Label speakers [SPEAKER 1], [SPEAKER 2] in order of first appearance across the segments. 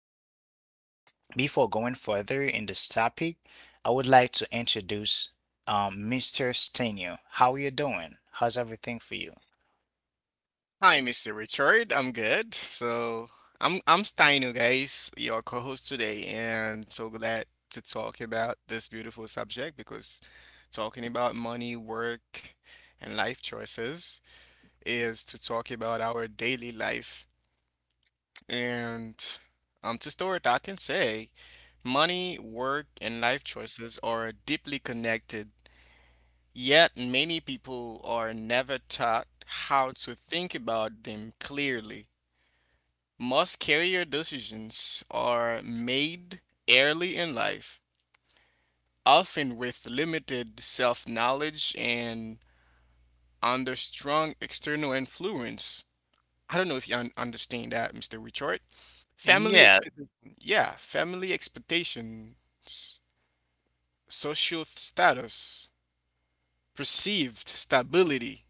[SPEAKER 1] we Before going further in this topic, I would like to introduce Mr. Stenio. How you doing? How's everything for you?
[SPEAKER 2] Hi, Mr. Richard. I'm good. So I'm Steino, guys, your co-host today, and so glad to talk about this beautiful subject because talking about money, work, and life choices is to talk about our daily life. And to start, I can say money, work, and life choices are deeply connected. Yet many people are never taught how to think about them clearly. Most career decisions are made early in life, often with limited self knowledge and under strong external influence. I don't know if you understand that, Mr. Richard. Family
[SPEAKER 1] Yeah,
[SPEAKER 2] expectation, yeah, family expectations, social status, perceived stability,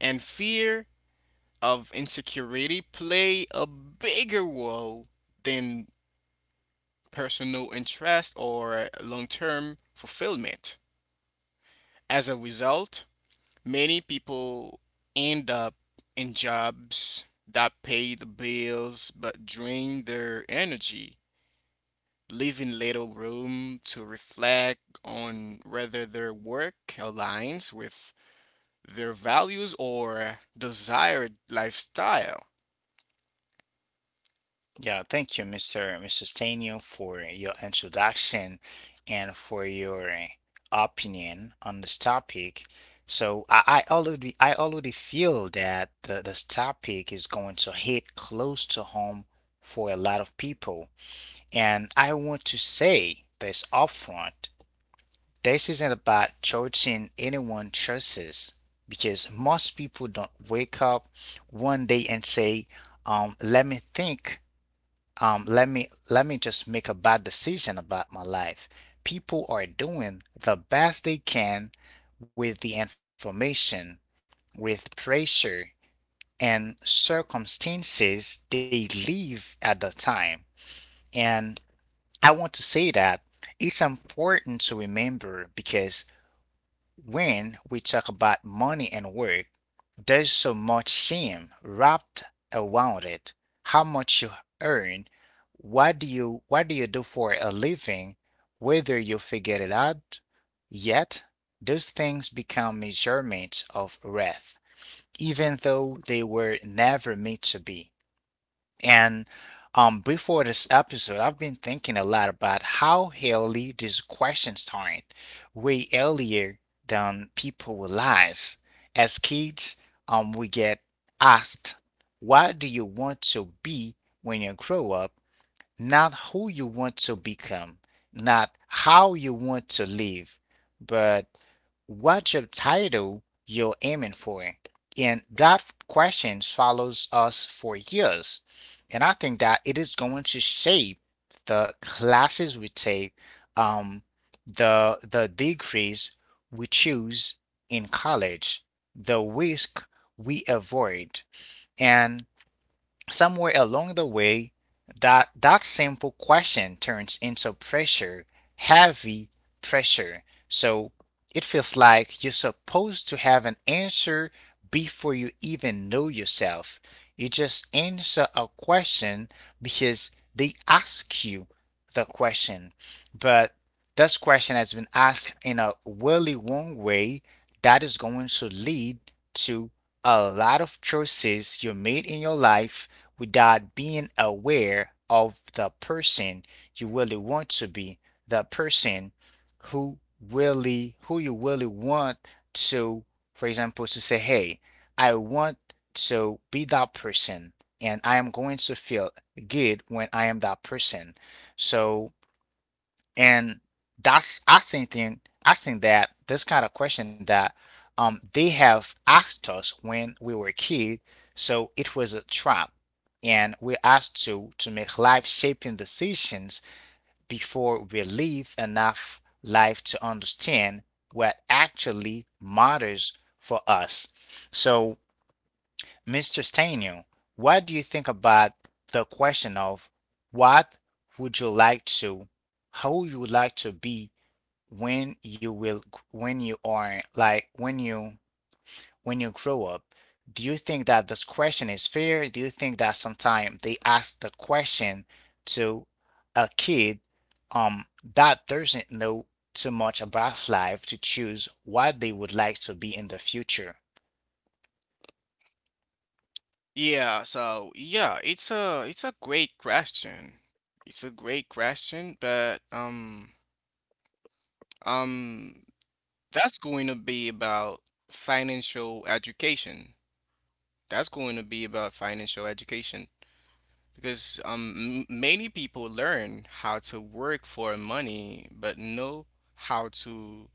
[SPEAKER 2] and fear of insecurity play a bigger role than personal interest or long term fulfillment. As a result, many people end up in jobs that pay the bills but drain their energy, leaving little room to reflect on whether their work aligns with their values or desired lifestyle.
[SPEAKER 1] yeah, thank you, Mr. Stanio, for your introduction and for your opinion on this topic. So I already feel that the, this topic is going to hit close to home for a lot of people. And I want to say this upfront. This isn't about judging anyone's choices because most people don't wake up one day and say, um, let me think let me just make a bad decision about my life. People are doing the best they can with the information, with pressure and circumstances they live at the time. And I want to say that it's important to remember because when we talk about money and work, there's so much shame wrapped around it. How much you earn, what do you do for a living, whether you figure it out yet, those things become measurements of worth, even though they were never meant to be. And before this episode, I've been thinking a lot about how early this question started, way earlier than people realize. As kids, we get asked, "What do you want to be when you grow up?" Not who you want to become, not how you want to live, but what job title you're aiming for. And that question follows us for years. And I think that it is going to shape the classes we take, um, the degrees we choose in college, the risk we avoid, and somewhere along the way, that simple question turns into pressure, heavy pressure. So it feels like you're supposed to have an answer before you even know yourself. You just answer a question because they ask you the question. But this question has been asked in a really wrong way that is going to lead to a lot of choices you made in your life without being aware of the person you really want to be, the person who who you really want to, for example, to say, "Hey, I want to be that person, and I am going to feel good when I am that person." So and that's I think then I think that this kind of question that they have asked us when we were a kid, so it was a trap, and we're asked to make life shaping decisions before we live enough life to understand what actually matters for us. So, Mr. Stanio, what do you think about the question of what would you like to, how you would like to be when you will when you are like when you grow up? Do you think that this question is fair? Do you think that sometimes they ask the question to a kid um that doesn't know too much about life to choose what they would like to be in the future?
[SPEAKER 2] So it's a great question. It's a great question, but um Um, that's going to be about financial education. That's going to be about financial education because m many people learn how to work for money but know how to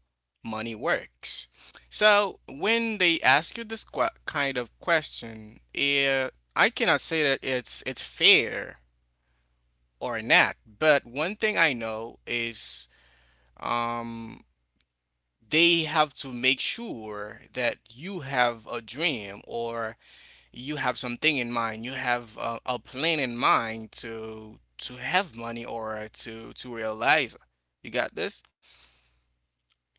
[SPEAKER 2] money works. So when they ask you this qu kind of question, I cannot say that it's fair or not, but one thing I know is. Um, they have to make sure that you have a dream or you have something in mind you have a plan in mind to have money or to realize you got this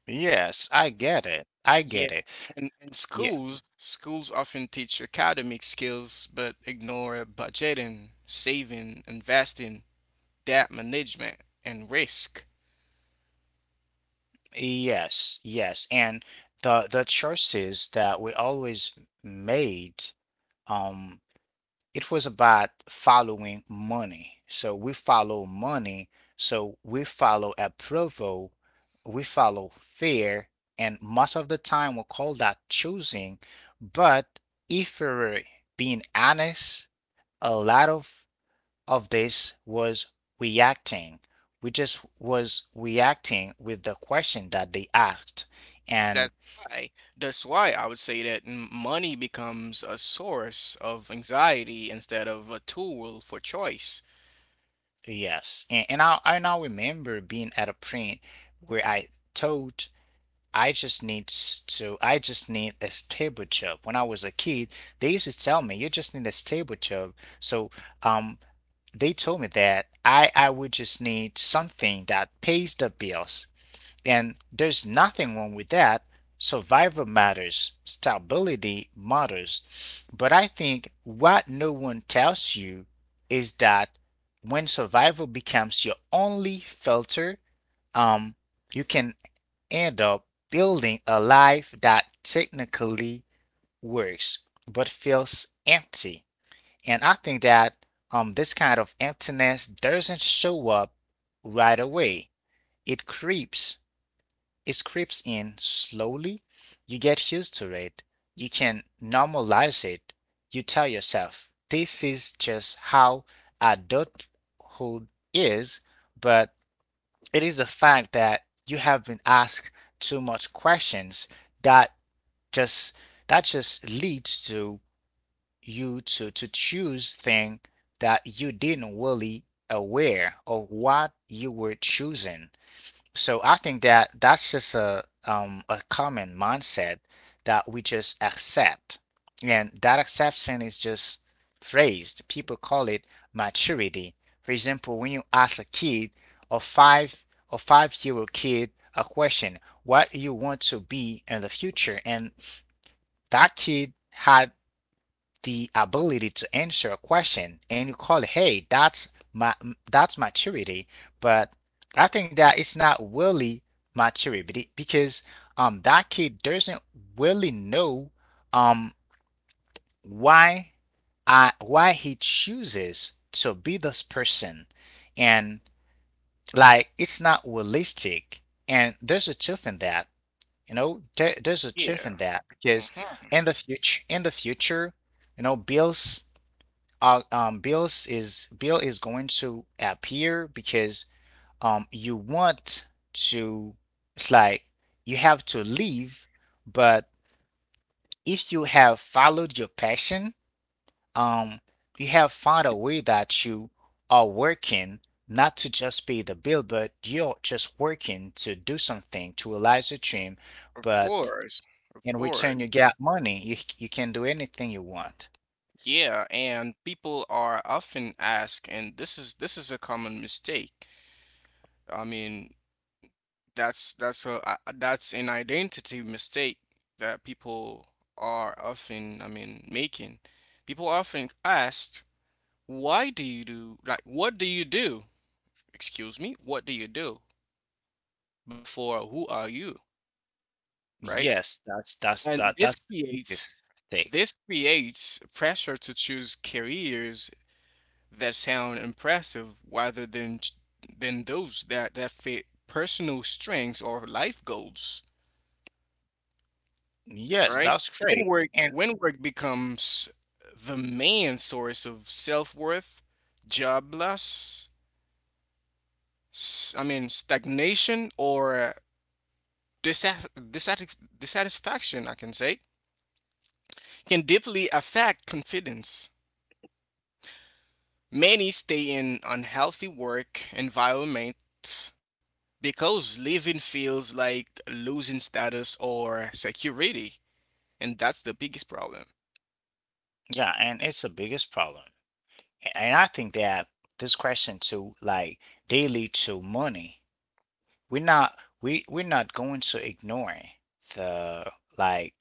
[SPEAKER 1] yes i get it i
[SPEAKER 2] yeah
[SPEAKER 1] get it
[SPEAKER 2] and, and
[SPEAKER 1] Yeah.
[SPEAKER 2] schools schools often teach academic skills but ignore budgeting saving investing debt management and risk.
[SPEAKER 1] Yes, yes, and the choices that we always made, um it was about following money. So we follow money. So we follow approval. We follow fear. And most of the time, we call that choosing. But if we're being honest, a lot of, this was reacting. We just was reacting with the question that they asked. And
[SPEAKER 2] That's why. That's why I would say that money becomes a source of anxiety instead of a tool for choice.
[SPEAKER 1] yes, and I remember being at a print where I told I just need to, I just need a stable job. When I was a kid, they used to tell me, you just need a stable job. So, um, they told me that I would just need something that pays the bills. And there's nothing wrong with that. Survival matters, stability matters. But I think what no one tells you is that when survival becomes your only filter, um, you can end up building a life that technically works but feels empty. And I think that this kind of emptiness doesn't show up right away. It creeps, it creeps in slowly. You get used to it. You can normalize it. You tell yourself, this is just how adulthood is, but it is the fact that you have been asked too much questions that just that just leads to you to choose things that you didn't really aware of what you were choosing. So I think that that's just a common mindset that we just accept. And that acceptance is just phrased. People call it maturity. For example, when you ask a kid a five or five-year-old kid a question, what you want to be in the future, and that kid had the ability to answer a question and you call it, hey, that's maturity. But I think that it's not really maturity because that kid doesn't really know um why why he chooses to be this person, and like it's not realistic. And there's a truth in that, you know, there's a truth
[SPEAKER 2] Yeah.
[SPEAKER 1] in that
[SPEAKER 2] hmm
[SPEAKER 1] because in the future, you know, bills Bill is going to appear because you want to. It's like you have to leave, but if you have followed your passion, um, you have found a way that you are working not to just pay the bill, but you're just working to do something to realize your dream.
[SPEAKER 2] Of
[SPEAKER 1] But
[SPEAKER 2] course. Of
[SPEAKER 1] in
[SPEAKER 2] course.
[SPEAKER 1] return, you get money. You can do anything you want.
[SPEAKER 2] Yeah, and people are often asked, and this is a common mistake. I mean, that's an identity mistake that people are often, I mean, making. People often asked, why do you do like what do you do? Excuse me, what do you do? Before who are you, right? And this
[SPEAKER 1] That's the
[SPEAKER 2] creates
[SPEAKER 1] biggest thing.
[SPEAKER 2] pressure to choose careers that sound impressive rather than than those that fit personal strengths or life goals,
[SPEAKER 1] Yes,
[SPEAKER 2] right?
[SPEAKER 1] that's
[SPEAKER 2] When
[SPEAKER 1] great.
[SPEAKER 2] work
[SPEAKER 1] And
[SPEAKER 2] when work becomes the main source of self-worth, job loss, stagnation or dissatisfaction, I can say can deeply affect confidence. Many stay in unhealthy work environments because living feels like losing status or security, and that's the biggest problem.
[SPEAKER 1] yeah, and it's the biggest problem. A- And I think that this question too, like they lead to money. we're not we we're not going to ignore the like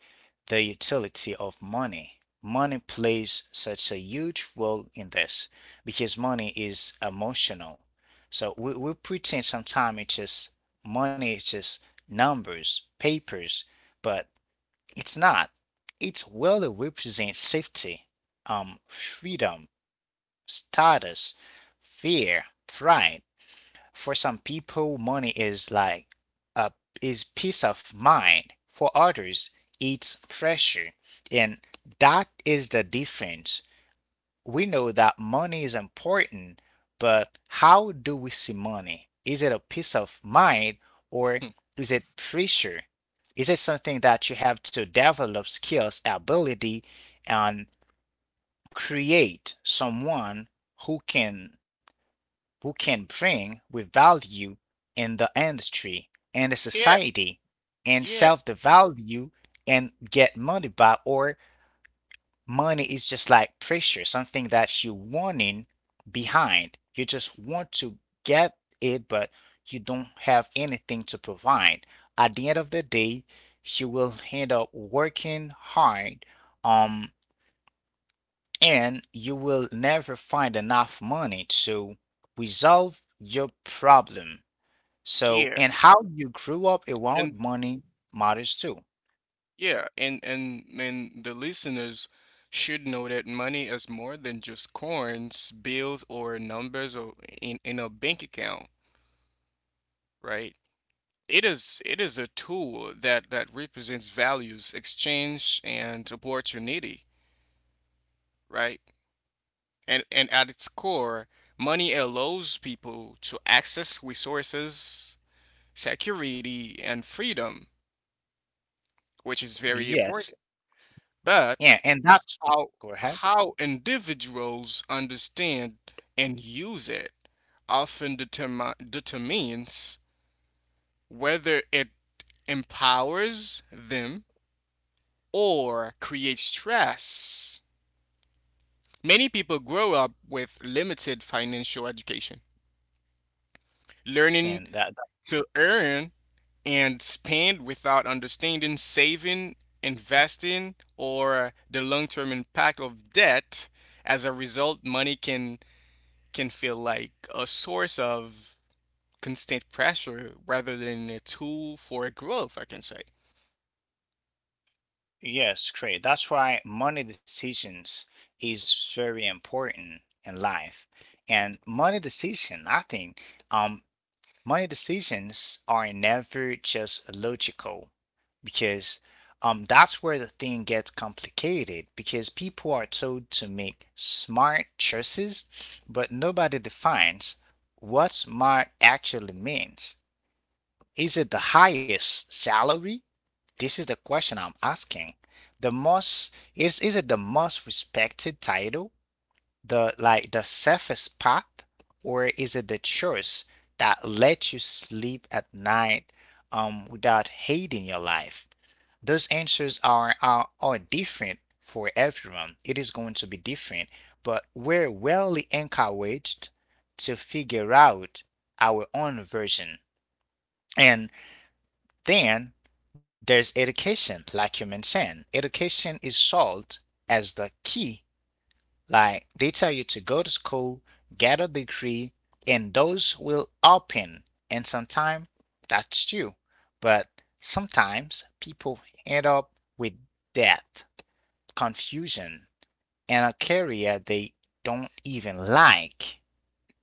[SPEAKER 1] the utility of money. Money plays such a huge role in this because money is emotional. So we pretend sometimes it's just money, it's just numbers, papers, but it's not. It really represents safety, freedom, status, fear, pride. For some people, money is like a is peace of mind. For others, it's pressure. And that is the difference. We know that money is important, but how do we see money? Is it a peace of mind or is it pressure? Is it something that you have to develop skills, ability, and create someone who can bring with value in the industry and the
[SPEAKER 2] Yeah,
[SPEAKER 1] society and
[SPEAKER 2] yeah,
[SPEAKER 1] sell the value and get money back? Or money is just like pressure, something that you're wanting behind, you just want to get it but you don't have anything to provide. At the end of the day, you will end up working hard, um and you will never find enough money to resolve your problem. So,
[SPEAKER 2] yeah,
[SPEAKER 1] and how you grew up
[SPEAKER 2] and
[SPEAKER 1] around money matters too.
[SPEAKER 2] yeah, and the listeners should know that money is more than just coins, bills, or numbers or in a bank account, right? It is a tool that represents values, exchange, and opportunity, right? And at its core, money allows people to access resources, security, and freedom, which is very
[SPEAKER 1] Yes.
[SPEAKER 2] important. But
[SPEAKER 1] Yeah, and that's—
[SPEAKER 2] how
[SPEAKER 1] go ahead.
[SPEAKER 2] how individuals understand and use it often determines whether it empowers them or create stress. Many people grow up with limited financial education, learning
[SPEAKER 1] And that, that-
[SPEAKER 2] to earn and spend without understanding saving, investing, or the long-term impact of debt. As a result, money can feel like a source of constant pressure rather than a tool for growth, I can say.
[SPEAKER 1] yes, great. That's why money decisions is very important in life. And money decision, I think, um, money decisions are never just logical, because that's where the thing gets complicated because people are told to make smart choices, but nobody defines what smart actually means. Is it the highest salary? This is the question I'm asking. The most Is it the most respected title? The safest path, or is it the choice that lets you sleep at night without hating your life? Those answers are different for everyone. It is going to be different, but we're well encouraged to figure out our own version. And then there's education, like you mentioned. Education is sold as the key. Like they tell you to go to school, get a degree, and those will open. And sometimes that's true. But sometimes people end up with debt, confusion, and a career they don't even like.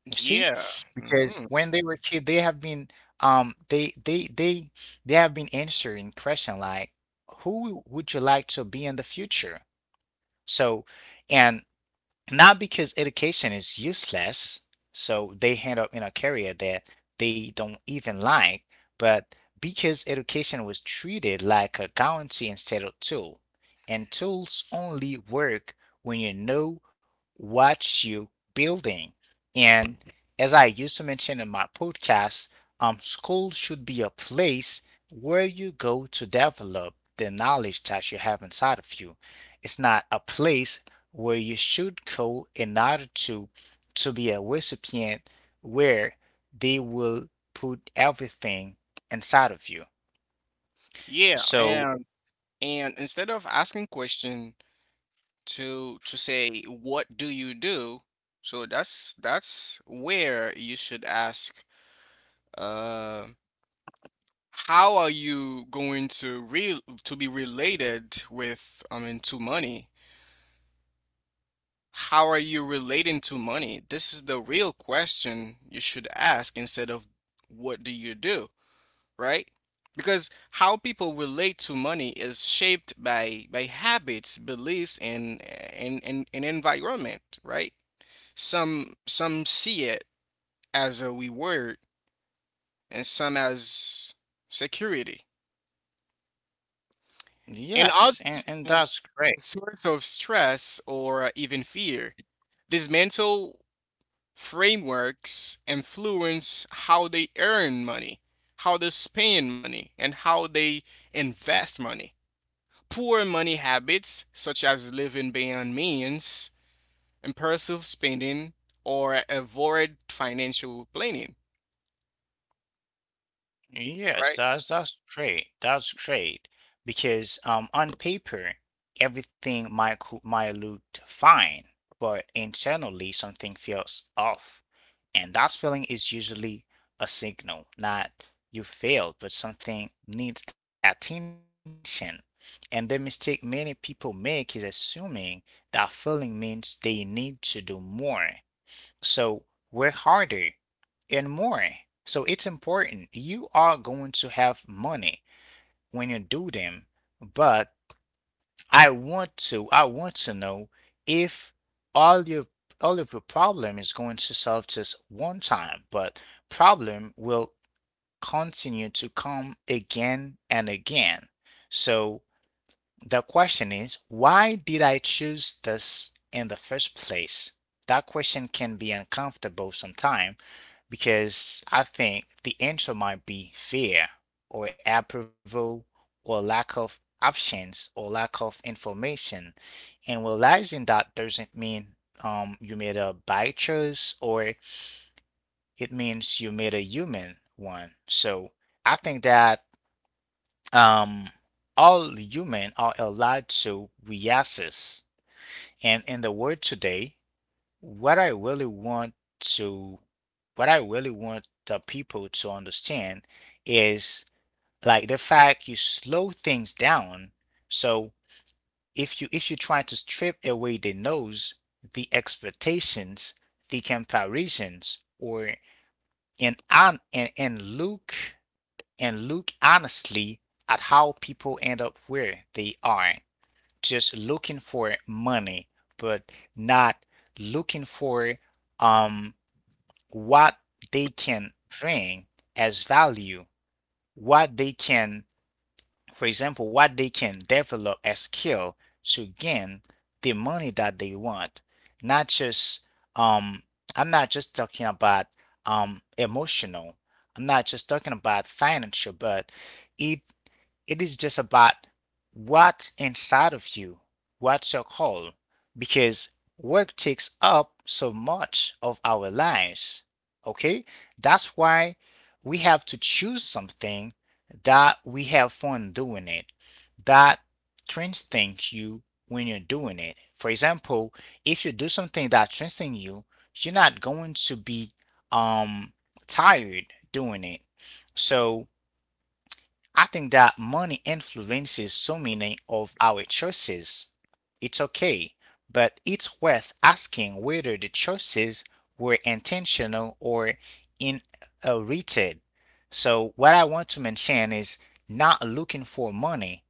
[SPEAKER 1] You see?
[SPEAKER 2] Yeah,
[SPEAKER 1] Because
[SPEAKER 2] hmm
[SPEAKER 1] when they were kid, they have been um they they they they have been answering question like, who would you like to be in the future? So and not because education is useless, so they end up in a career that they don't even like, but because education was treated like a guarantee instead of tool. And tools only work when you know what you're building. And as I used to mention in my podcast, school should be a place where you go to develop the knowledge that you have inside of you. It's not a place where you should go in order to be a recipient where they will put everything inside of you.
[SPEAKER 2] Yeah,
[SPEAKER 1] So,
[SPEAKER 2] and instead of asking question to say what do you do, so that's where you should ask uh how are you going to re to be related with, I mean, to money. How are you relating to money? This is the real question you should ask instead of what do you do, right? Because how people relate to money is shaped by habits beliefs and and environment, right? Some see it as a reward and some as security, and
[SPEAKER 1] yes, and,
[SPEAKER 2] others
[SPEAKER 1] and
[SPEAKER 2] as
[SPEAKER 1] that's great.
[SPEAKER 2] a source of stress or even fear. These mental frameworks influence how they earn money, how they spend money, and how they invest money. Poor money habits, such as living beyond means, impulsive spending, or avoid financial planning, right?
[SPEAKER 1] Yes, that's great. That's great because on paper everything might look fine, but internally something feels off, and that feeling is usually a signal not you failed, but something needs attention. And the mistake many people make is assuming that feeling means they need to do more. So we're harder and more. So it's important. You are going to have money when you do them, but I want to know if all your all of your problem is going to solve just one time, but problem will continue to come again and again. So the question is, why did I choose this in the first place? That question can be uncomfortable sometimes because I think the answer might be fear or approval or lack of options or lack of information. And realizing that doesn't mean you made a bad choice or it means you made a human one. So I think that um, all humans are allowed to reassess. And in the world today, what I really want to, what I really want the people to understand is like the fact you slow things down. So if you try to strip away the nose, the expectations, the comparisons, or and and look honestly at how people end up where they are, just looking for money, but not looking for um, what they can bring as value, what they can, for example, what they can develop as skill to gain the money that they want. Not just, um, I'm not just talking about emotional. I'm not just talking about financial, but it it is just about what's inside of you, what's your call, because work takes up so much of our lives. Okay? That's why we have to choose something that we have fun doing it, that strengthens you when you're doing it. For example, if you do something that strengthens you, you're not going to be um tired doing it. So I think that money influences so many of our choices. It's okay, but it's worth asking whether the choices were intentional or inherited. So, what I want to mention is not looking for money,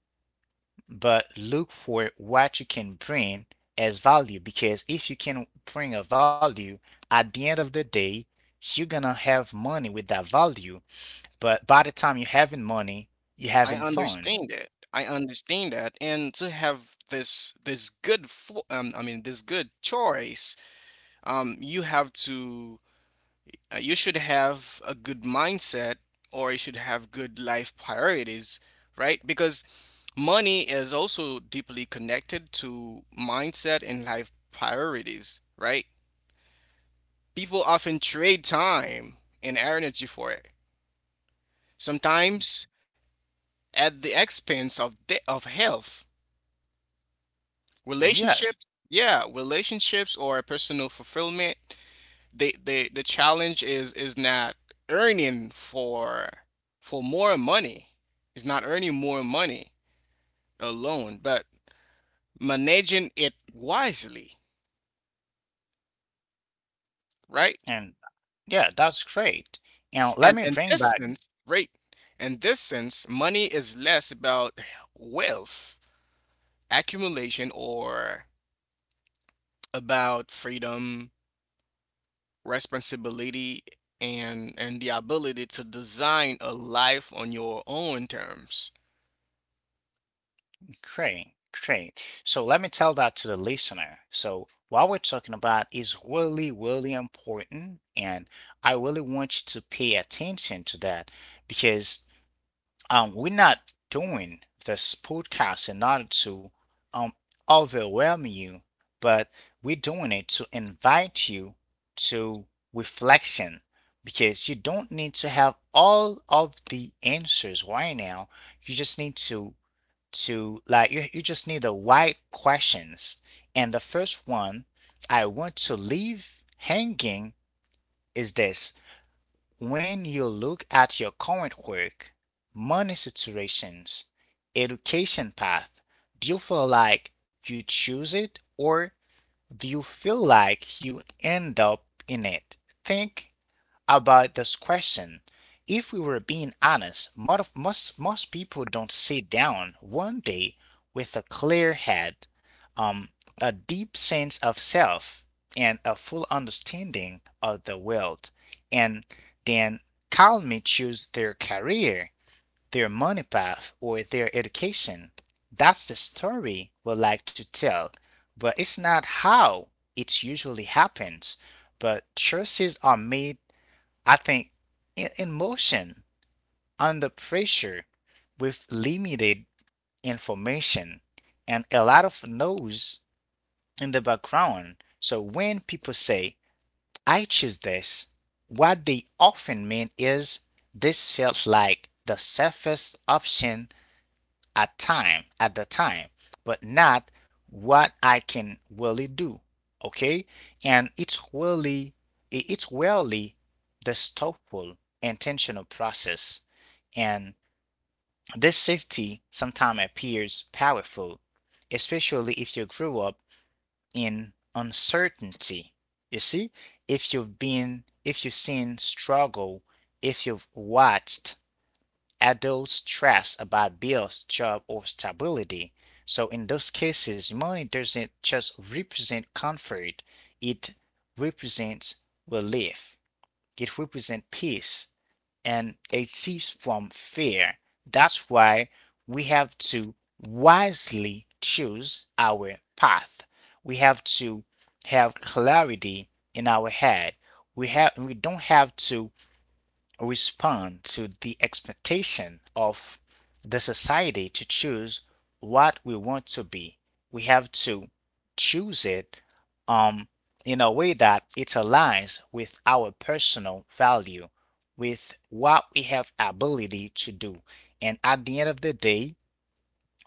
[SPEAKER 1] but look for what you can bring as value. Because if you can bring a value at the end of the day, you're gonna have money with that value but by the time you're having money, you're
[SPEAKER 2] I
[SPEAKER 1] having fun.
[SPEAKER 2] understand that. I understand that. And to have this this good fo- I mean this good choice, you have to you should have a good mindset or you should have good life priorities, right? Because money is also deeply connected to mindset and life priorities, right? People often trade time and energy for it. Sometimes at the expense of health,
[SPEAKER 1] Yes.
[SPEAKER 2] relationships, yeah, relationships or personal fulfillment, they the challenge is not earning for more money. It's not earning more money alone, but managing it wisely, right?
[SPEAKER 1] And yeah, that's great. And let
[SPEAKER 2] And
[SPEAKER 1] me
[SPEAKER 2] in
[SPEAKER 1] bring
[SPEAKER 2] this
[SPEAKER 1] back.
[SPEAKER 2] sense, right? In this sense, money is less about wealth accumulation or about freedom, responsibility, and the ability to design a life on your own terms.
[SPEAKER 1] Great, great. So let me tell that to the listener. So what we're talking about is really, really important. And I really want you to pay attention to that because we're not doing this podcast in order to um, overwhelm you, but we're doing it to invite you to reflection because you don't need to have all of the answers right now. You just need you just need the right questions. And the first one I want to leave hanging is this when you look at your current work, money situations, education path, do you feel like you choose it or do you feel like you end up in it? Think about this question. If we were being honest, most people don't sit down one day with a clear head, um, a deep sense of self, and a full understanding of the world, and then calmly choose their career, their money path, or their education. That's the story we like to tell, but it's not how it usually happens but choices are made I think in, motion, under pressure, with limited information and a lot of noise in the background. So when people say, I choose this, what they often mean is, this felt like the safest option at the time but not what I can really do. Okay. And it's really the thoughtful intentional process and this safety sometimes appears powerful especially if you grew up in uncertainty. You see, if you've seen struggle, if you've watched adult stress about bills, job, or stability. So in those cases, money doesn't just represent comfort, it represents relief. It represents peace and a cease from fear. That's why we have to wisely choose our path. We have to have clarity in our head. We don't have to respond to the expectation of the society to choose what we want to be. We have to choose it, um, in a way that it aligns with our personal value, with what we have ability to do. And at the end of the day,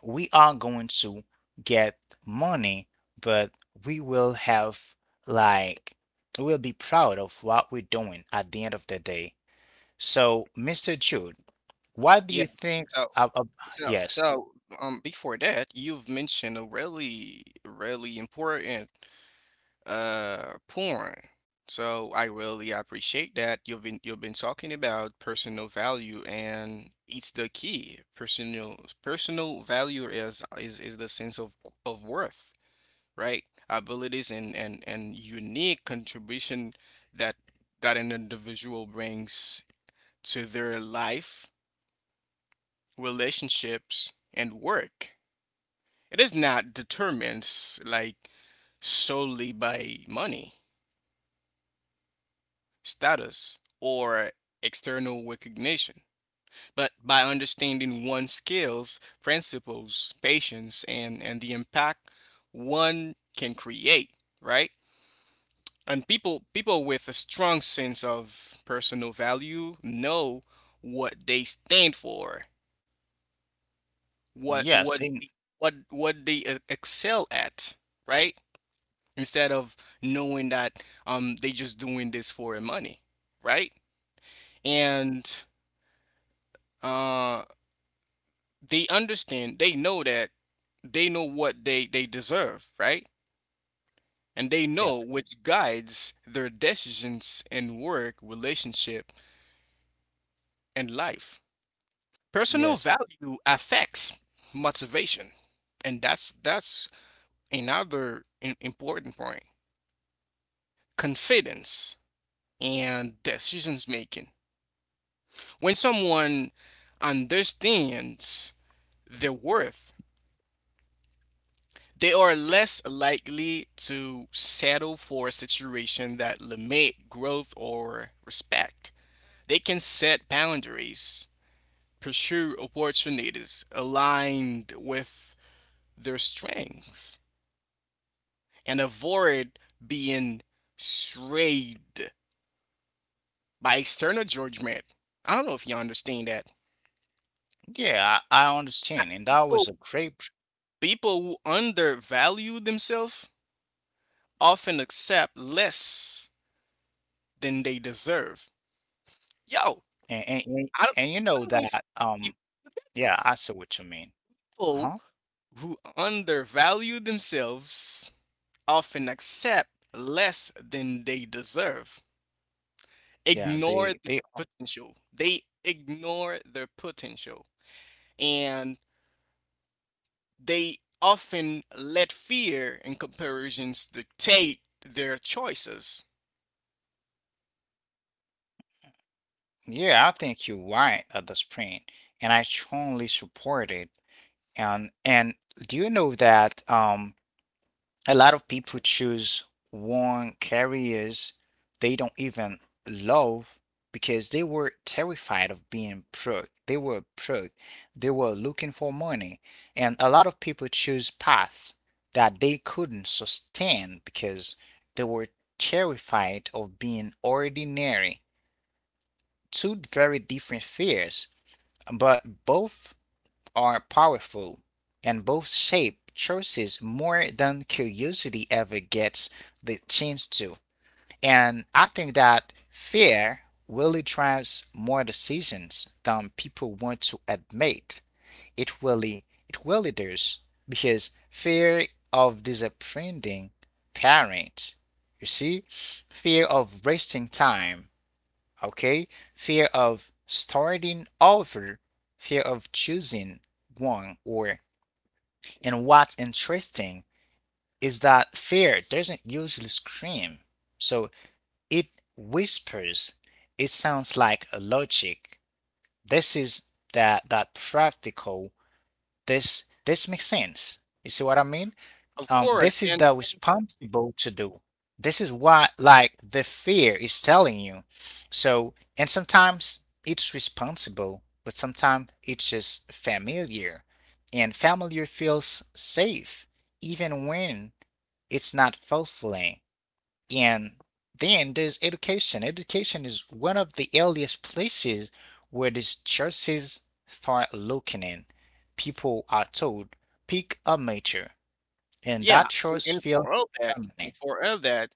[SPEAKER 1] we are going to get money, but we will have, like, we'll be proud of what we're doing at the end of the day. So, Mr. Jude, what do
[SPEAKER 2] Yeah.
[SPEAKER 1] you think
[SPEAKER 2] So
[SPEAKER 1] of.
[SPEAKER 2] so
[SPEAKER 1] Yes.
[SPEAKER 2] so um before that, you've mentioned a really really important point. So I really appreciate that you've been talking about personal value and it's the key. Personal value is the sense of worth, right? Abilities and and unique contribution that that an individual brings to their life, relationships, and work. It is not determined like solely by money, status, or external recognition, but by understanding one's skills, principles, patience, and the impact one can create, right? And people with a strong sense of personal value know what they stand for, what
[SPEAKER 1] Yes,
[SPEAKER 2] what
[SPEAKER 1] thing.
[SPEAKER 2] what they excel at, right? Instead of knowing that they just doing this for money, right? And uh they understand they know that they know what they deserve, right? And they
[SPEAKER 1] Yeah.
[SPEAKER 2] know which guides their decisions in work, relationship, and life. Personal
[SPEAKER 1] Yes.
[SPEAKER 2] value affects motivation, and that's another important point. Confidence and decisions making. When someone understands their worth, they are less likely to settle for a situation that limit growth or respect. They can set boundaries, pursue opportunities aligned with their strengths, and avoid being swayed by external judgment. I don't know if you understand that.
[SPEAKER 1] Yeah, I
[SPEAKER 2] I-
[SPEAKER 1] understand, and that was
[SPEAKER 2] People,
[SPEAKER 1] a great.
[SPEAKER 2] people who undervalue themselves often accept less than they deserve. Yo,
[SPEAKER 1] And
[SPEAKER 2] I don't,
[SPEAKER 1] and you know
[SPEAKER 2] I don't know if
[SPEAKER 1] that,
[SPEAKER 2] you
[SPEAKER 1] yeah, I see what you mean. Uh-huh.
[SPEAKER 2] people who undervalue themselves often accept less than they deserve,
[SPEAKER 1] Yeah,
[SPEAKER 2] ignore
[SPEAKER 1] they
[SPEAKER 2] their
[SPEAKER 1] they
[SPEAKER 2] potential. They ignore their potential. And they often let fear and comparisons dictate their choices.
[SPEAKER 1] Yeah, I think you're right at this point, and I strongly support it. And do you know that a lot of people choose one careers they don't even love because they were terrified of being broke. They were broke. They were looking for money. And a lot of people choose paths that they couldn't sustain because they were terrified of being ordinary. Two very different fears, but both are powerful, and both shape choices more than curiosity ever gets the chance to. And I think that fear really drives more decisions than people want to admit. It really does, because fear of disappointing parents, you see, fear of wasting time. Okay? Fear of starting over, fear of choosing wrong or and what's interesting is that fear doesn't usually scream. So it whispers. It sounds like a logic. This is that practical. This makes sense. You see what I mean?
[SPEAKER 2] Of course,
[SPEAKER 1] This is
[SPEAKER 2] and
[SPEAKER 1] the responsible to do. This is what like the fear is telling you. So, and sometimes it's responsible, but sometimes it's just familiar. And familiar feels safe even when it's not fulfilling. And then there's education. Education is one of the earliest places where these choices start looking in. People are told, pick a major and that
[SPEAKER 2] yeah, and,
[SPEAKER 1] choice
[SPEAKER 2] and
[SPEAKER 1] feels
[SPEAKER 2] for all that, and
[SPEAKER 1] permanent.
[SPEAKER 2] for all that,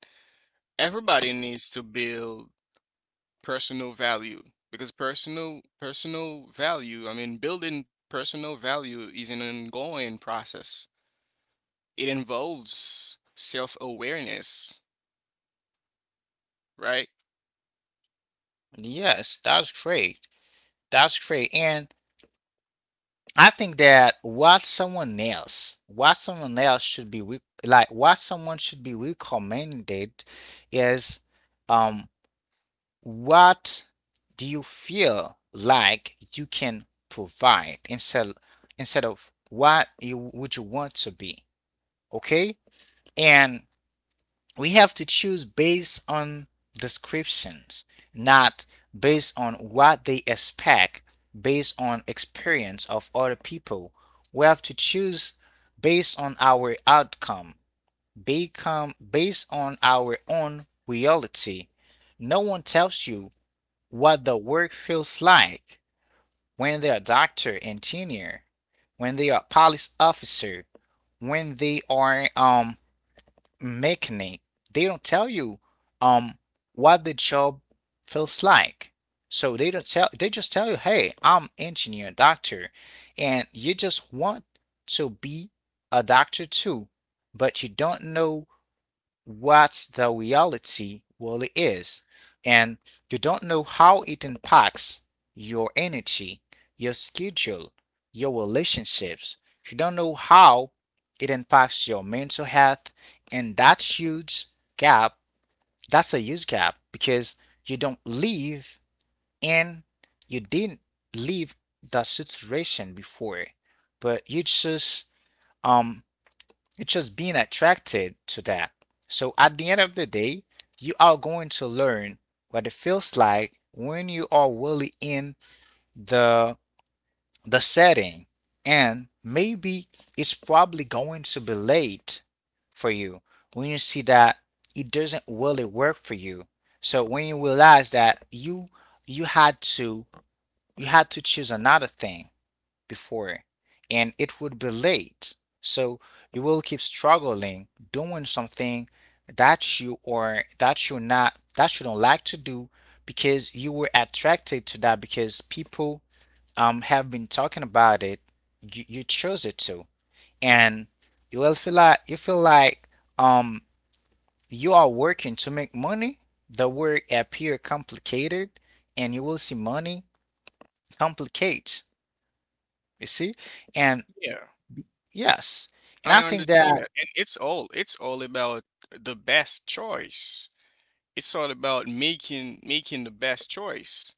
[SPEAKER 2] everybody needs to build personal value because personal personal value, I mean, building personal value is an ongoing process. It involves self-awareness, right?
[SPEAKER 1] Yes, that's great. That's great. And I think that what someone should be recommended is um what do you feel like you can provide instead of what you want to be, okay? And we have to choose based on descriptions, not based on what they expect, based on experience of other people. We have to choose based on our outcome, become based on our own reality. No one tells you what the work feels like when they are doctor, engineer, when they are police officer, when they are making it. They don't tell you um what the job feels like. So they don't tell they just tell you, hey, I'm engineer, doctor, and you just want to be a doctor too, but you don't know what's the reality really is, and you don't know how it impacts your energy, your schedule, your relationships. You don't know how it impacts your mental health, and that's huge gap. That's a huge gap because you don't live in, you didn't live the situation before, but you just um it's just being attracted to that. So at the end of the day, you are going to learn what it feels like when you are really in the the setting. And maybe it's probably going to be late for you when you see that it doesn't really work for you. So when you realize that you had to you had to choose another thing before and it would be late. So you will keep struggling doing something that you don't like to do because you were attracted to that because people have been talking about it. You chose it to, and you will feel like um you are working to make money. The work appear complicated, and you will see money complicates. You see, and
[SPEAKER 2] Yeah,
[SPEAKER 1] Yes. And
[SPEAKER 2] I
[SPEAKER 1] I think
[SPEAKER 2] understand
[SPEAKER 1] that
[SPEAKER 2] that, and it's all about the best choice. It's all about making the best choice,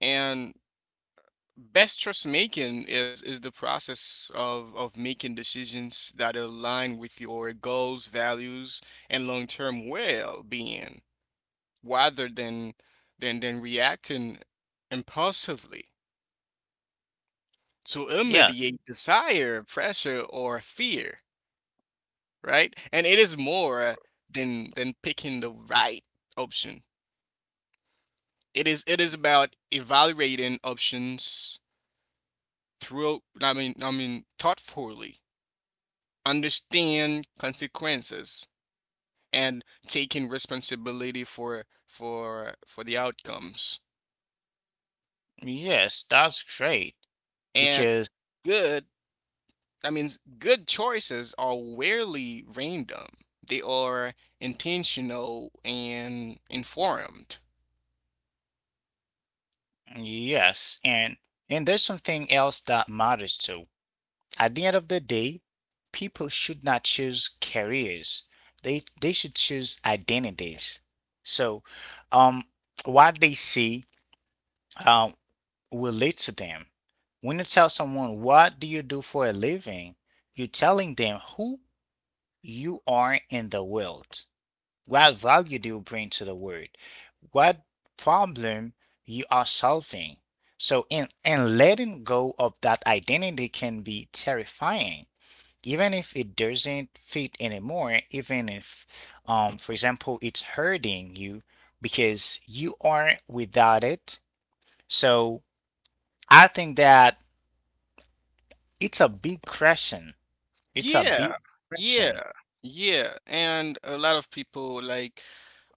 [SPEAKER 2] and best choice making is the process of making decisions that align with your goals, values, and long-term well-being rather than reacting impulsively to
[SPEAKER 1] yes,
[SPEAKER 2] immediate desire, pressure, or fear, right? And it is more than picking the right option. It is about evaluating options through, I mean, I mean, thoughtfully understand consequences and taking responsibility for the outcomes.
[SPEAKER 1] yes, that's great
[SPEAKER 2] And
[SPEAKER 1] because
[SPEAKER 2] good I mean good choices are rarely random. They are intentional and informed.
[SPEAKER 1] yes, and there's something else that matters too. At the end of the day, people should not choose careers. They should choose identities. So, um, what they see um will lead to them. When you tell someone, "What do you do for a living?" you're telling them who you are in the world. What value do you bring to the world? What problem you are solving? So in and letting go of that identity can be terrifying, even if it doesn't fit anymore, even if for example it's hurting you because you are without it. So I think that it's a big question. It's a
[SPEAKER 2] yeah
[SPEAKER 1] big question.
[SPEAKER 2] yeah yeah and a lot of people like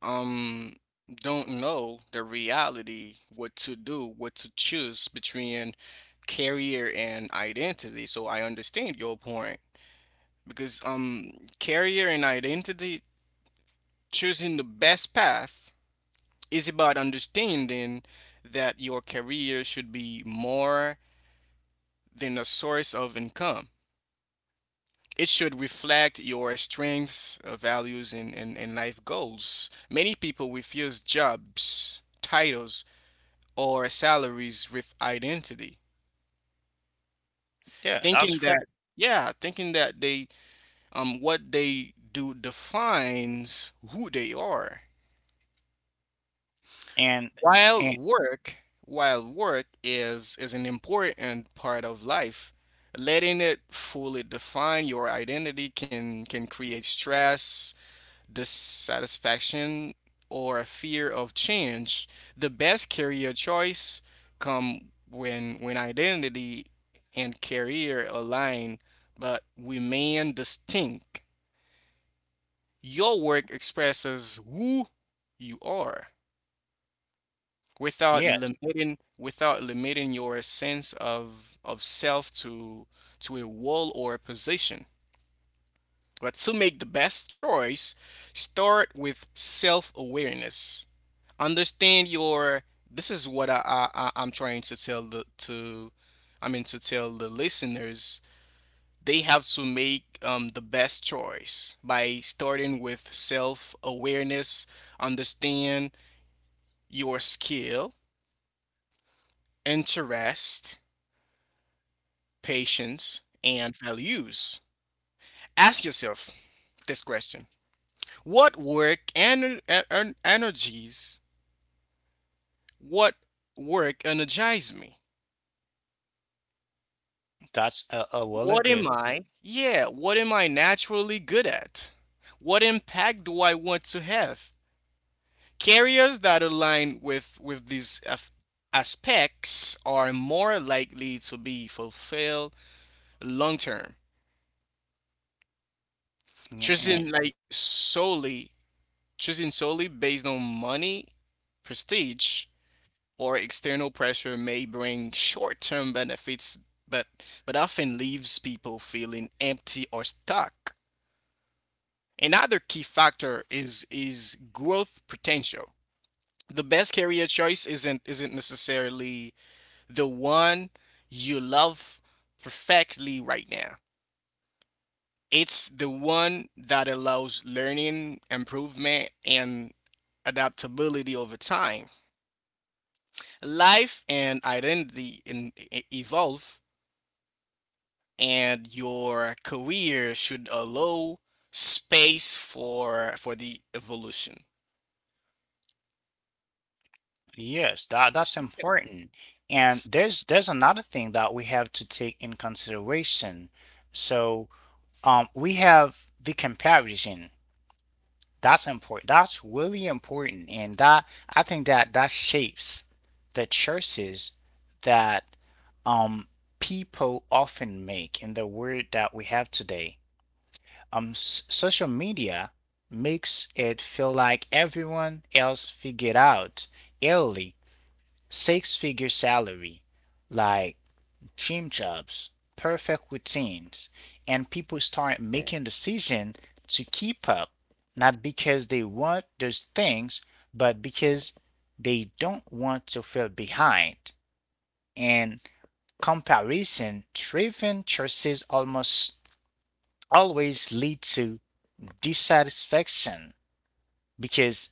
[SPEAKER 2] um don't know the reality what to do, what to choose between career and identity, so I understand your point because career and identity, choosing the best path is about understanding that your career should be more than a source of income. It should reflect your strengths, values, and life goals. Many people refuse jobs, titles, or salaries with identity,
[SPEAKER 1] Yeah, that's
[SPEAKER 2] thinking
[SPEAKER 1] correct.
[SPEAKER 2] that yeah, thinking that they what they do defines who they are.
[SPEAKER 1] And
[SPEAKER 2] While
[SPEAKER 1] and
[SPEAKER 2] work, while work is an important part of life, letting it fully define your identity can create stress, dissatisfaction, or a fear of change. The best career choice come when identity and career align but remain distinct. Your work expresses who you are without
[SPEAKER 1] yes,
[SPEAKER 2] limiting your sense of self to a role or a position. But to make the best choice, start with self awareness. Understand your. This is what I am trying to tell the to, I mean to tell the listeners. They have to make the best choice by starting with self awareness. Understand your skill, interest, patience, and values. Ask yourself this question: what work and energies, what work energizes me?
[SPEAKER 1] that's a really
[SPEAKER 2] What am
[SPEAKER 1] good
[SPEAKER 2] I? Yeah, what am I naturally good at? What impact do I want to have? Carriers that align with these aspects are more likely to be fulfilled long term.
[SPEAKER 1] yeah,
[SPEAKER 2] Choosing like solely choosing solely based on money, prestige, or external pressure may bring short-term benefits, but, but often leaves people feeling empty or stuck. Another key factor is growth potential. The best career choice isn't necessarily the one you love perfectly right now. It's the one that allows learning, improvement, and adaptability over time. Life and identity evolve, and your career should allow space for the evolution.
[SPEAKER 1] yes, that that's
[SPEAKER 2] Understand that.
[SPEAKER 1] important. And there's another thing that we have to take in consideration. So, we have the comparison. That's important. That's really important, and that I think that that shapes the choices that um people often make in the world that we have today. S Social media makes it feel like everyone else figured out early six figure salary like dream jobs perfect routines, and people start making decisions to keep up, not because they want those things, but because they don't want to feel behind. And comparison driven choices almost always lead to dissatisfaction because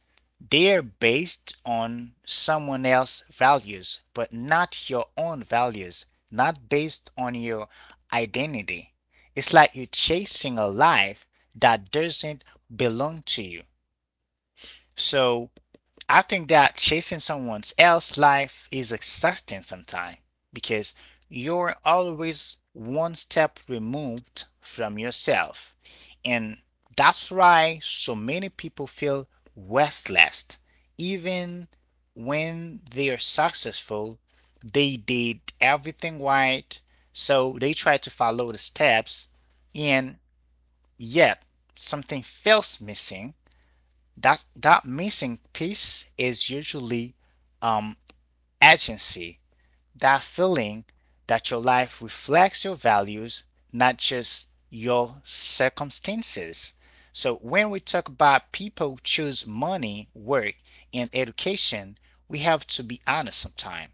[SPEAKER 1] they're based on someone else's values, but not your own values, not based on your identity. It's like you're chasing a life that doesn't belong to you. So I think that chasing someone else's life is exhausting sometimes because you're always one step removed from yourself. And that's why so many people feel restless. Even when they are successful, they did everything right, so they try to follow the steps, and yet something feels missing. That missing piece is usually um, agency. That feeling that your life reflects your values, not just your circumstances. So when we talk about people choose money, work, and education, we have to be honest sometimes.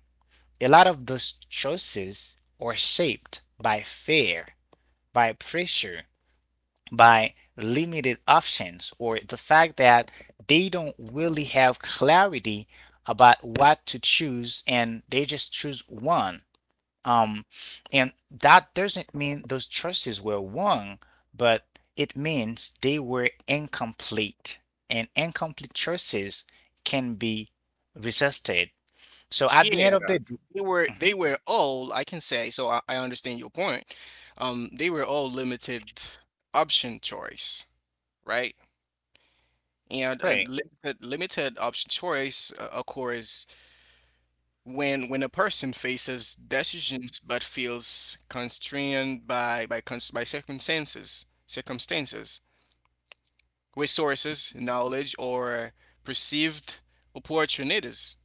[SPEAKER 1] A lot of those choices are shaped by fear, by pressure, by limited options, or the fact that they don't really have clarity about what to choose and they just choose one. Um, and that doesn't mean those choices were wrong, but it means they were incomplete. And incomplete choices can be resisted. So at
[SPEAKER 2] Yeah,
[SPEAKER 1] the end of the day,
[SPEAKER 2] they were they
[SPEAKER 1] mhm,
[SPEAKER 2] were all I can say, so I understand your point. They were all limited option choice, right? And
[SPEAKER 1] great,
[SPEAKER 2] limited option choice occurs when a person faces decisions but feels constrained by cons by circumstances circumstances. Resources, knowledge, or perceived opportunities.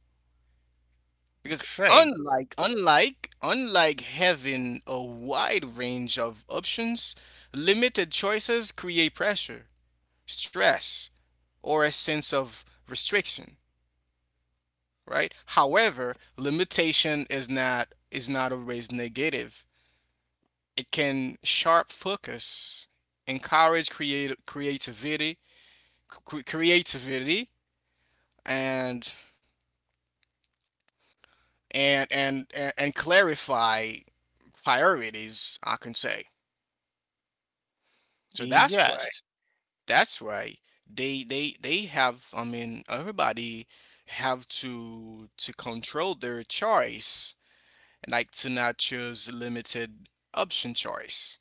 [SPEAKER 2] Because
[SPEAKER 1] great,
[SPEAKER 2] unlike having a wide range of options, limited choices create pressure, stress, or a sense of restriction, right? However, limitation is not always negative. It can sharp focus, encourage create creativity, creativity, and and clarify priorities, I can say. so that's why
[SPEAKER 1] yes.
[SPEAKER 2] that's why they have I mean everybody have to control their choice, like to not choose limited option choice.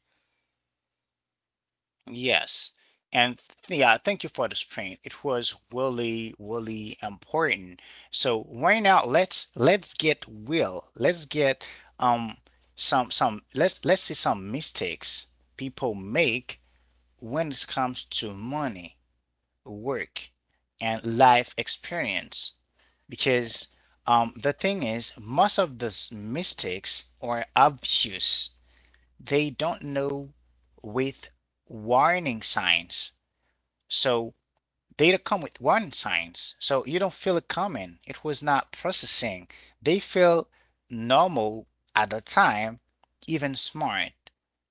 [SPEAKER 1] Yes. And yeah, thank you for this print. It was really, really important. So right now let's get real. Let's get um some let's see some mistakes people make when it comes to money, work, and life experience. Because the thing is most of these mistakes are obvious, they don't know with warning signs. So they don't come with warning signs. So you don't feel it coming. It was not processing. They feel normal at the time, even smart.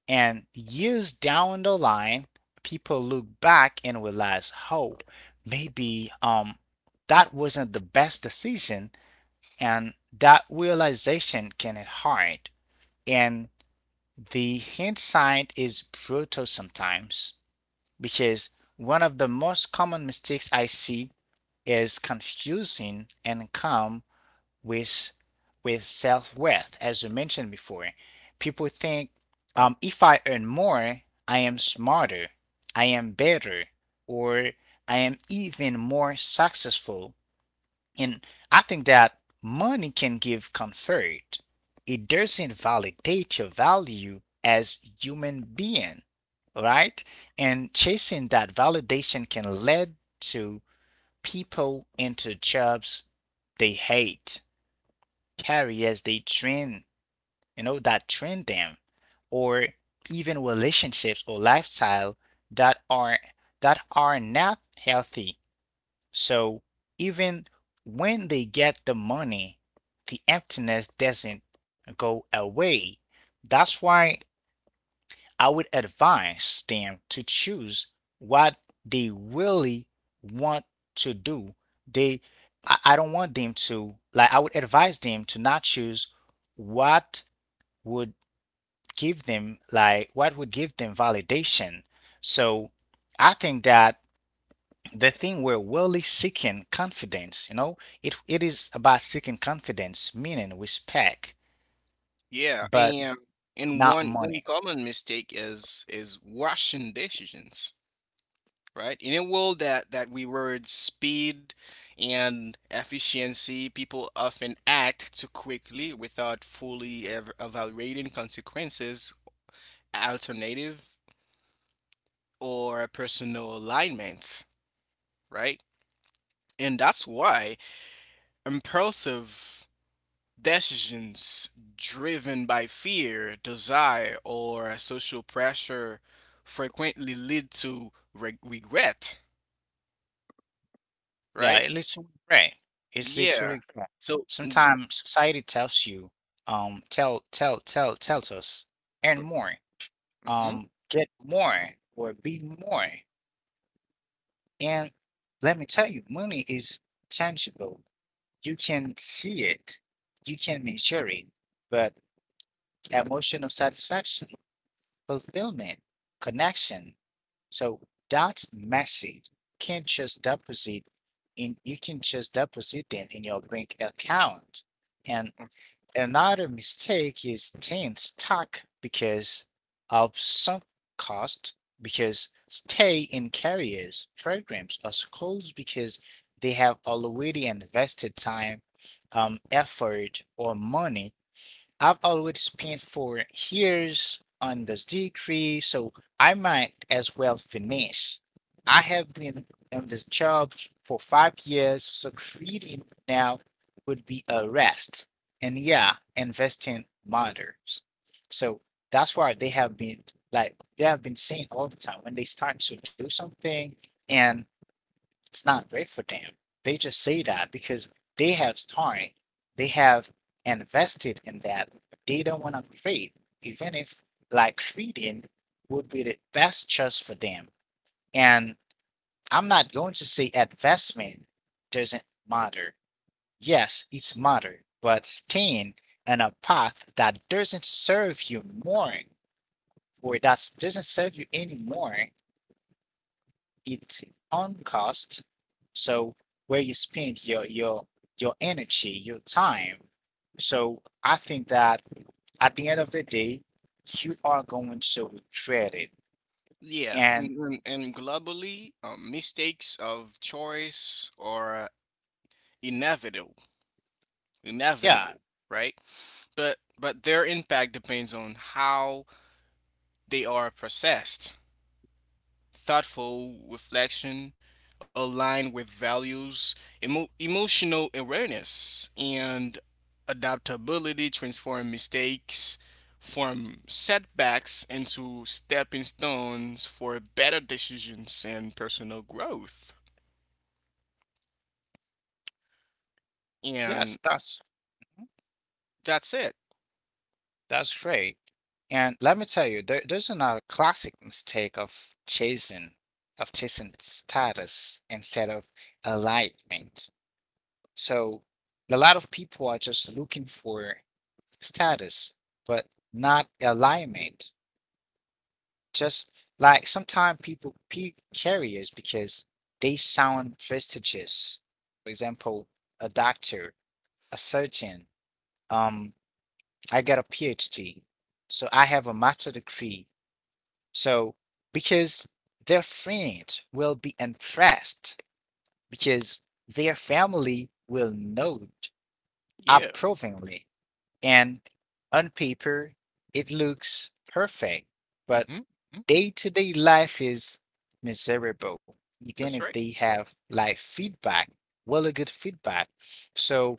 [SPEAKER 1] And years down the line, people look back and realize, oh, maybe that wasn't the best decision, and that realization can hit hard. And the hint sign is brutal sometimes because one of the most common mistakes I see is confusing income with with self-worth. As you mentioned before, people think, if I earn more, I am smarter, I am better, or I am even more successful. And I think that money can give comfort. It doesn't validate your value as human being, right? And chasing that validation can lead to people into jobs they hate, careers they train, that train them, or even relationships or lifestyle that are that are not healthy. So even when they get the money, the emptiness doesn't go away. That's why I would advise them to choose what they really want to do. They, I don't want them to, like, I would advise them to not choose what would give them, like, what would give them validation. So I think that the thing we're really seeking confidence it is about seeking confidence meaning respect
[SPEAKER 2] Yeah,
[SPEAKER 1] but
[SPEAKER 2] and
[SPEAKER 1] not
[SPEAKER 2] one
[SPEAKER 1] money.
[SPEAKER 2] common mistake is rushing decisions, right? In a world that rewards speed and efficiency, people often act too quickly without fully evaluating consequences, alternative, or personal alignment, right? And that's why impulsive decisions driven by fear, desire, or social pressure frequently lead to regret,
[SPEAKER 1] Yeah,
[SPEAKER 2] right?
[SPEAKER 1] it leads to regret, it's leads to
[SPEAKER 2] Yeah.
[SPEAKER 1] regret.
[SPEAKER 2] So, mm,
[SPEAKER 1] Sometimes society tells you tells us earn more,
[SPEAKER 2] mhm.
[SPEAKER 1] get more, or be more. And let me tell you, money is tangible, you can see it, you can measure it, but emotional satisfaction, fulfillment, connection. So that message can just deposit in you can just deposit them in your bank account. And another mistake is staying stuck because of sunk cost, because stay in careers, programs, or schools because they have already invested time, effort, or money. I've always spent 4 years on this degree, so I might as well finish. I have been on this job for 5 years, so creating now would be a rest. And yeah, investing matters. So that's why they have been like they have been saying all the time when they start to do something and it's not great for them. They just say that because they have time, they have invested in that. They don't want to trade, even if like trading would be the best choice for them. And I'm not going to say investment doesn't matter. Yes, it's matter, but staying on a path that doesn't serve you more or that doesn't serve you anymore its own cost. So where you spend your energy, your time. So I think that at the end of the day, you are going to regret it.
[SPEAKER 2] Yeah,
[SPEAKER 1] And
[SPEAKER 2] and globally, mistakes of choice are inevitable,
[SPEAKER 1] yeah,
[SPEAKER 2] inevitable, right? But their impact depends on how they are processed. Thoughtful reflection, aligned with values, emotional awareness, and adaptability transform mistakes from setbacks into stepping stones for better decisions and personal growth.
[SPEAKER 1] yes,
[SPEAKER 2] And
[SPEAKER 1] that's mhm,
[SPEAKER 2] That's it.
[SPEAKER 1] that's great. And let me tell you, there's another classic mistake of chasing status instead of enlightenment. So a lot of people are just looking for status, but not alignment. Just like sometimes people pick careers because they sound prestigious. For example, a doctor, a surgeon. Um, I got a PhD, so I have a master degree. So because their friends will be impressed because their family will know
[SPEAKER 2] Yeah.
[SPEAKER 1] approvingly. And on paper, it looks perfect,
[SPEAKER 2] hmm
[SPEAKER 1] but
[SPEAKER 2] hmm
[SPEAKER 1] day to day life is miserable, even if
[SPEAKER 2] That's right.
[SPEAKER 1] they have like feedback, really good feedback. So,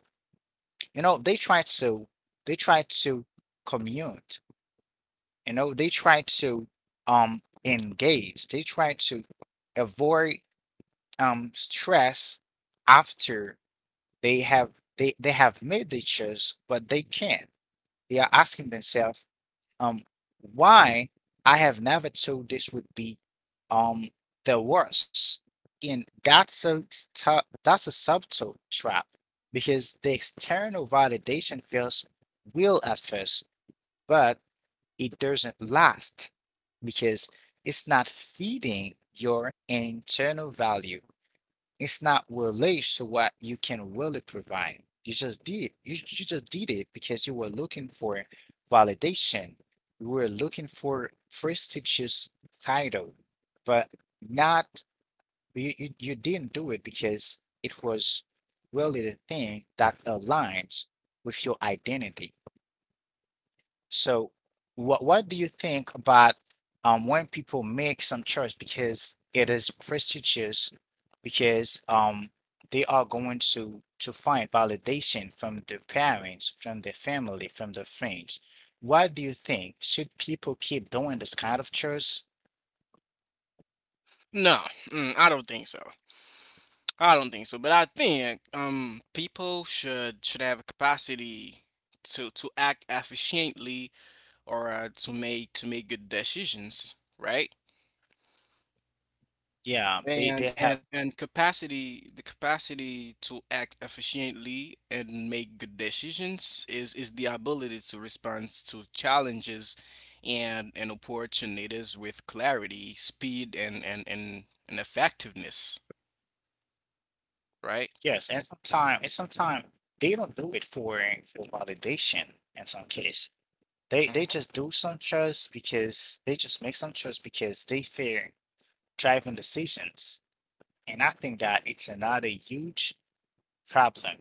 [SPEAKER 1] you know, they try to, they try to commute, they try to engage, they try to avoid stress after they have they have made the choice, but they can't. They are asking themselves, um why I have never thought this would be um the worst. And that's a that's a subtle trap because the external validation feels real at first, but it doesn't last because it's not feeding your internal value, it's not related to what you can really provide. You just did you just did it because you were looking for validation. You were looking for prestigious title, but not you didn't do it because it was really the thing that aligns with your identity. So, what do you think about when people make some choice because it is prestigious, because they are going to find validation from their parents, from their family, from their friends. What do you think? Should people keep doing this kind of choice?
[SPEAKER 2] No, I don't think so. I don't think so. But I think people should have a capacity to act efficiently or to make good decisions, right?
[SPEAKER 1] Yeah,
[SPEAKER 2] And
[SPEAKER 1] they have
[SPEAKER 2] and and capacity, the capacity to act efficiently and make good decisions is the ability to respond to challenges and opportunities with clarity, speed, and effectiveness, right?
[SPEAKER 1] yes, and sometimes they don't do it for validation in some case. They
[SPEAKER 2] Mhm.
[SPEAKER 1] just do some choice because they just make some choice because they fear driving decisions. And I think that it's another huge problem.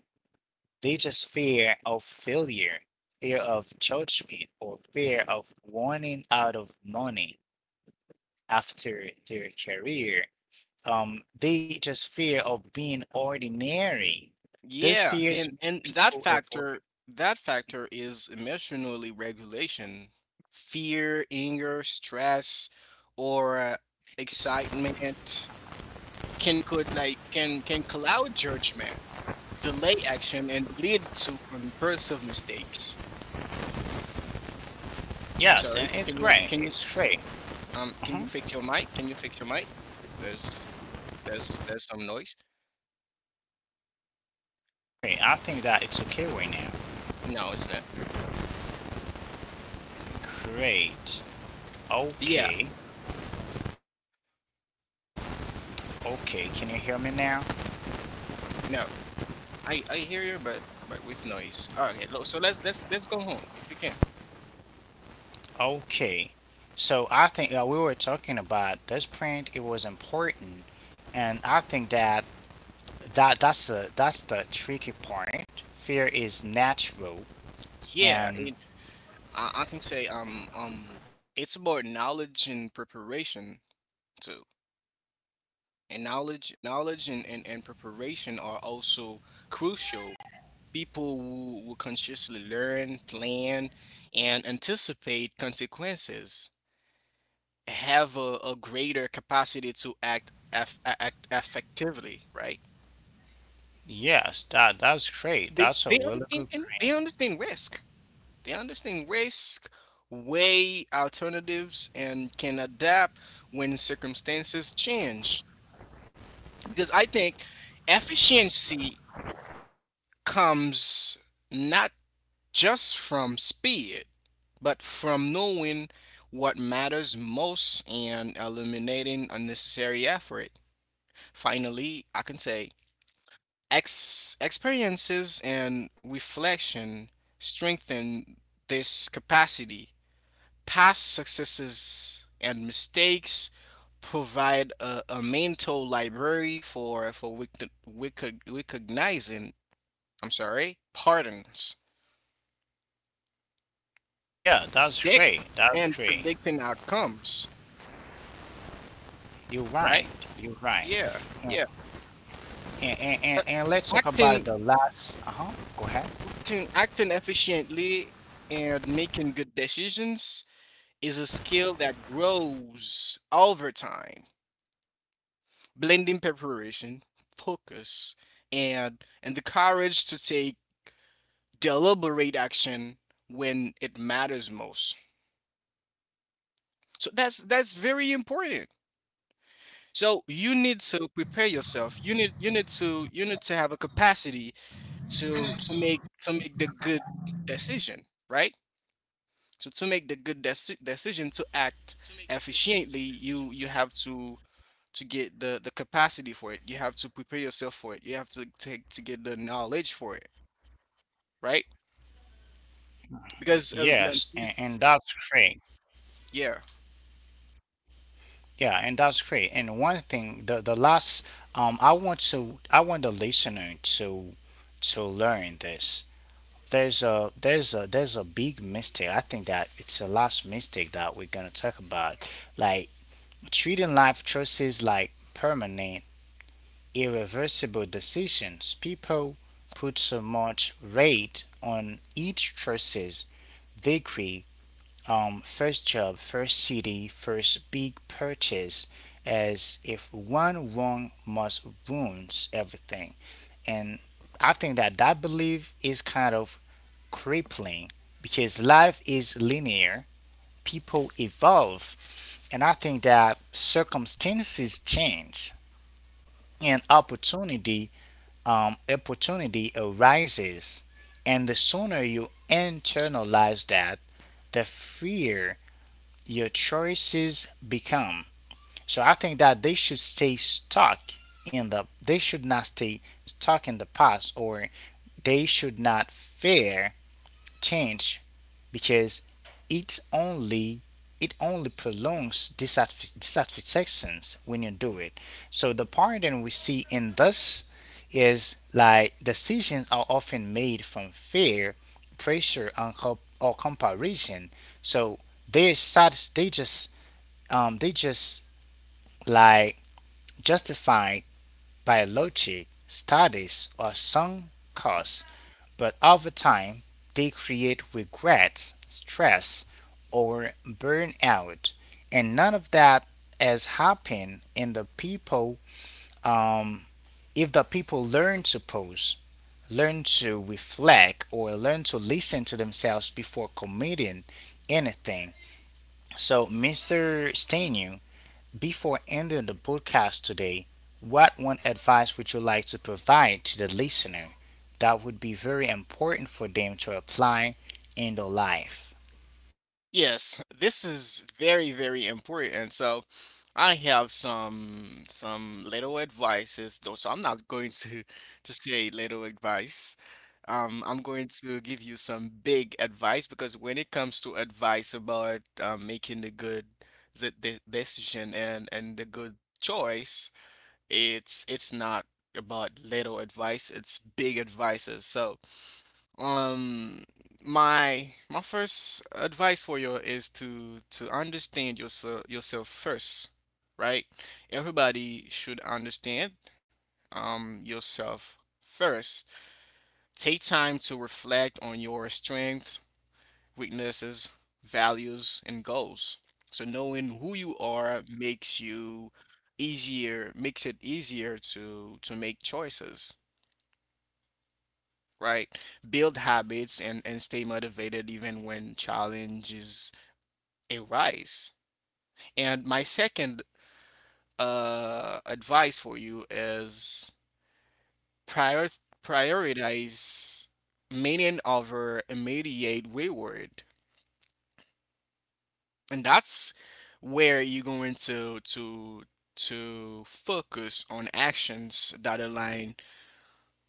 [SPEAKER 1] They just fear of failure, fear of judgment, or fear of running out of money after their career. They just fear of being ordinary. Those
[SPEAKER 2] Yeah,
[SPEAKER 1] fears
[SPEAKER 2] and
[SPEAKER 1] make
[SPEAKER 2] that
[SPEAKER 1] people avoid.
[SPEAKER 2] factor, that factor, is emotionally regulation, fear, anger, stress, or excitement, can could like can cloud judgment, delay action, and lead to impulsive mistakes. I'm
[SPEAKER 1] Yes, and
[SPEAKER 2] sorry.
[SPEAKER 1] it's
[SPEAKER 2] Can you
[SPEAKER 1] great.
[SPEAKER 2] can you
[SPEAKER 1] It's great.
[SPEAKER 2] um can you
[SPEAKER 1] Uh-huh.
[SPEAKER 2] fix your mic? Can you fix your mic? There's there's some noise.
[SPEAKER 1] Great. I think that it's okay right now.
[SPEAKER 2] No, it's not.
[SPEAKER 1] Great.
[SPEAKER 2] Yeah,
[SPEAKER 1] Okay. Okay. Can you hear me now?
[SPEAKER 2] no. I hear you, but with noise. Okay, so let's go home if you can.
[SPEAKER 1] Okay. So I think that we were talking about this print. It was important, and I think that that's the tricky point. Fear is natural,
[SPEAKER 2] Yeah,
[SPEAKER 1] and
[SPEAKER 2] and I can say, it's about knowledge and preparation too. And knowledge and preparation are also crucial. People will consciously learn, plan, and anticipate consequences, have a greater capacity to act act effectively, right?
[SPEAKER 1] yes, that that's great.
[SPEAKER 2] they
[SPEAKER 1] That's a
[SPEAKER 2] they, un-
[SPEAKER 1] really
[SPEAKER 2] and,
[SPEAKER 1] good.
[SPEAKER 2] and they understand risk, they understand risk weigh alternatives, and can adapt when circumstances change. Because I think efficiency comes not just from speed, but from knowing what matters most and eliminating unnecessary effort. Finally, I can say experiences and reflection strengthen this capacity. Past successes and mistakes provide a mental library for recognizing, I'm sorry, pardons,
[SPEAKER 1] Yeah, that's
[SPEAKER 2] predict
[SPEAKER 1] great. That's great.
[SPEAKER 2] predicting outcomes,
[SPEAKER 1] You're
[SPEAKER 2] right?
[SPEAKER 1] right. You're right.
[SPEAKER 2] Yeah,
[SPEAKER 1] And,
[SPEAKER 2] yeah.
[SPEAKER 1] and, and,
[SPEAKER 2] Uh,
[SPEAKER 1] and and let's talk about
[SPEAKER 2] Acting,
[SPEAKER 1] the last. Uh huh. Go ahead.
[SPEAKER 2] Acting efficiently and making good decisions is a skill that grows over time, blending preparation, focus, and the courage to take deliberate action when it matters most. So that's very important. So you need to prepare yourself. You need to have a capacity to make the good decision, right? So to make the good decision, to act efficiently, you have to get the capacity for it. You have to prepare yourself for it. You have to get the knowledge for it, right? Because
[SPEAKER 1] Yes, and that's great.
[SPEAKER 2] yeah.
[SPEAKER 1] Yeah, and that's great. And one thing, the last, I want to, I want the listener to learn this. There's a big mistake. I think that it's the last mistake that we're gonna talk about. Like treating life choices like permanent irreversible decisions. People put so much weight on each choices they create. First job, first city, first big purchase, as if one wrong must wounds everything. And I think that that belief is kind of crippling because life is linear, people evolve, and I think that circumstances change and opportunity opportunity arises, and the sooner you internalize that, the freer your choices become. So I think that they should stay stuck in the. They should not stay stuck in the past, or they should not fear change because it only it only prolongs dissatisfactions when you do it. So the pattern we see in this is like decisions are often made from fear, pressure, and co- or comparison. So they're sad. They just like justified by logic, status, or some cause, but over time they create regrets, stress, or burnout. And none of that has happened in the people um, if the people learn to pause, learn to reflect, or learn to listen to themselves before committing anything. So, Mr. Stenu, before ending the broadcast today, what one advice would you like to provide to the listener that would be very important for them to apply in their life?
[SPEAKER 2] Yes, this is very, very important. So I have some little advices, though. So I'm not going to to say little advice. I'm going to give you some big advice, because when it comes to advice about, making the good the decision and the good choice, it's not about little advice, it's big advices. So, um, my first advice for you is to understand yourself first, right? Everybody should understand yourself first. Take time to reflect on your strengths, weaknesses, values, and goals. So knowing who you are makes you easier, makes it easier to make choices, right? Build habits, and stay motivated even when challenges arise. And my second advice for you is prior prioritize meaning over immediate reward. And that's where you're going to focus on actions that align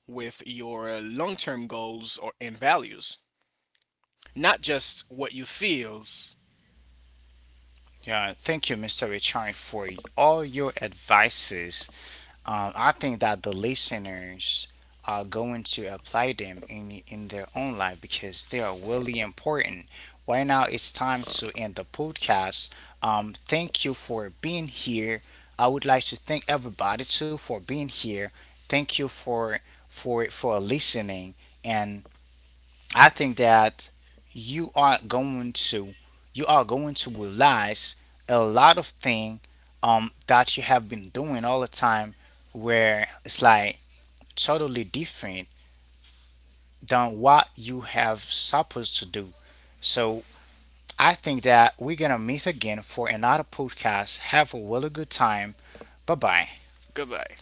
[SPEAKER 2] with your long-term goals or and values, not just what you feels.
[SPEAKER 1] Yeah, thank you, Mr. Richard, for all your advices. I think that the listeners are going to apply them in their own life because they are really important. Right now, it's time to end the podcast. Thank you for being here. I would like to thank everybody too for being here. Thank you for listening, and I think that you are going to you are going to realize a lot of thing that you have been doing all the time where it's like totally different than what you have supposed to do. So I think that we're gonna meet again for another podcast. Have a really good time. Bye bye.
[SPEAKER 2] Goodbye.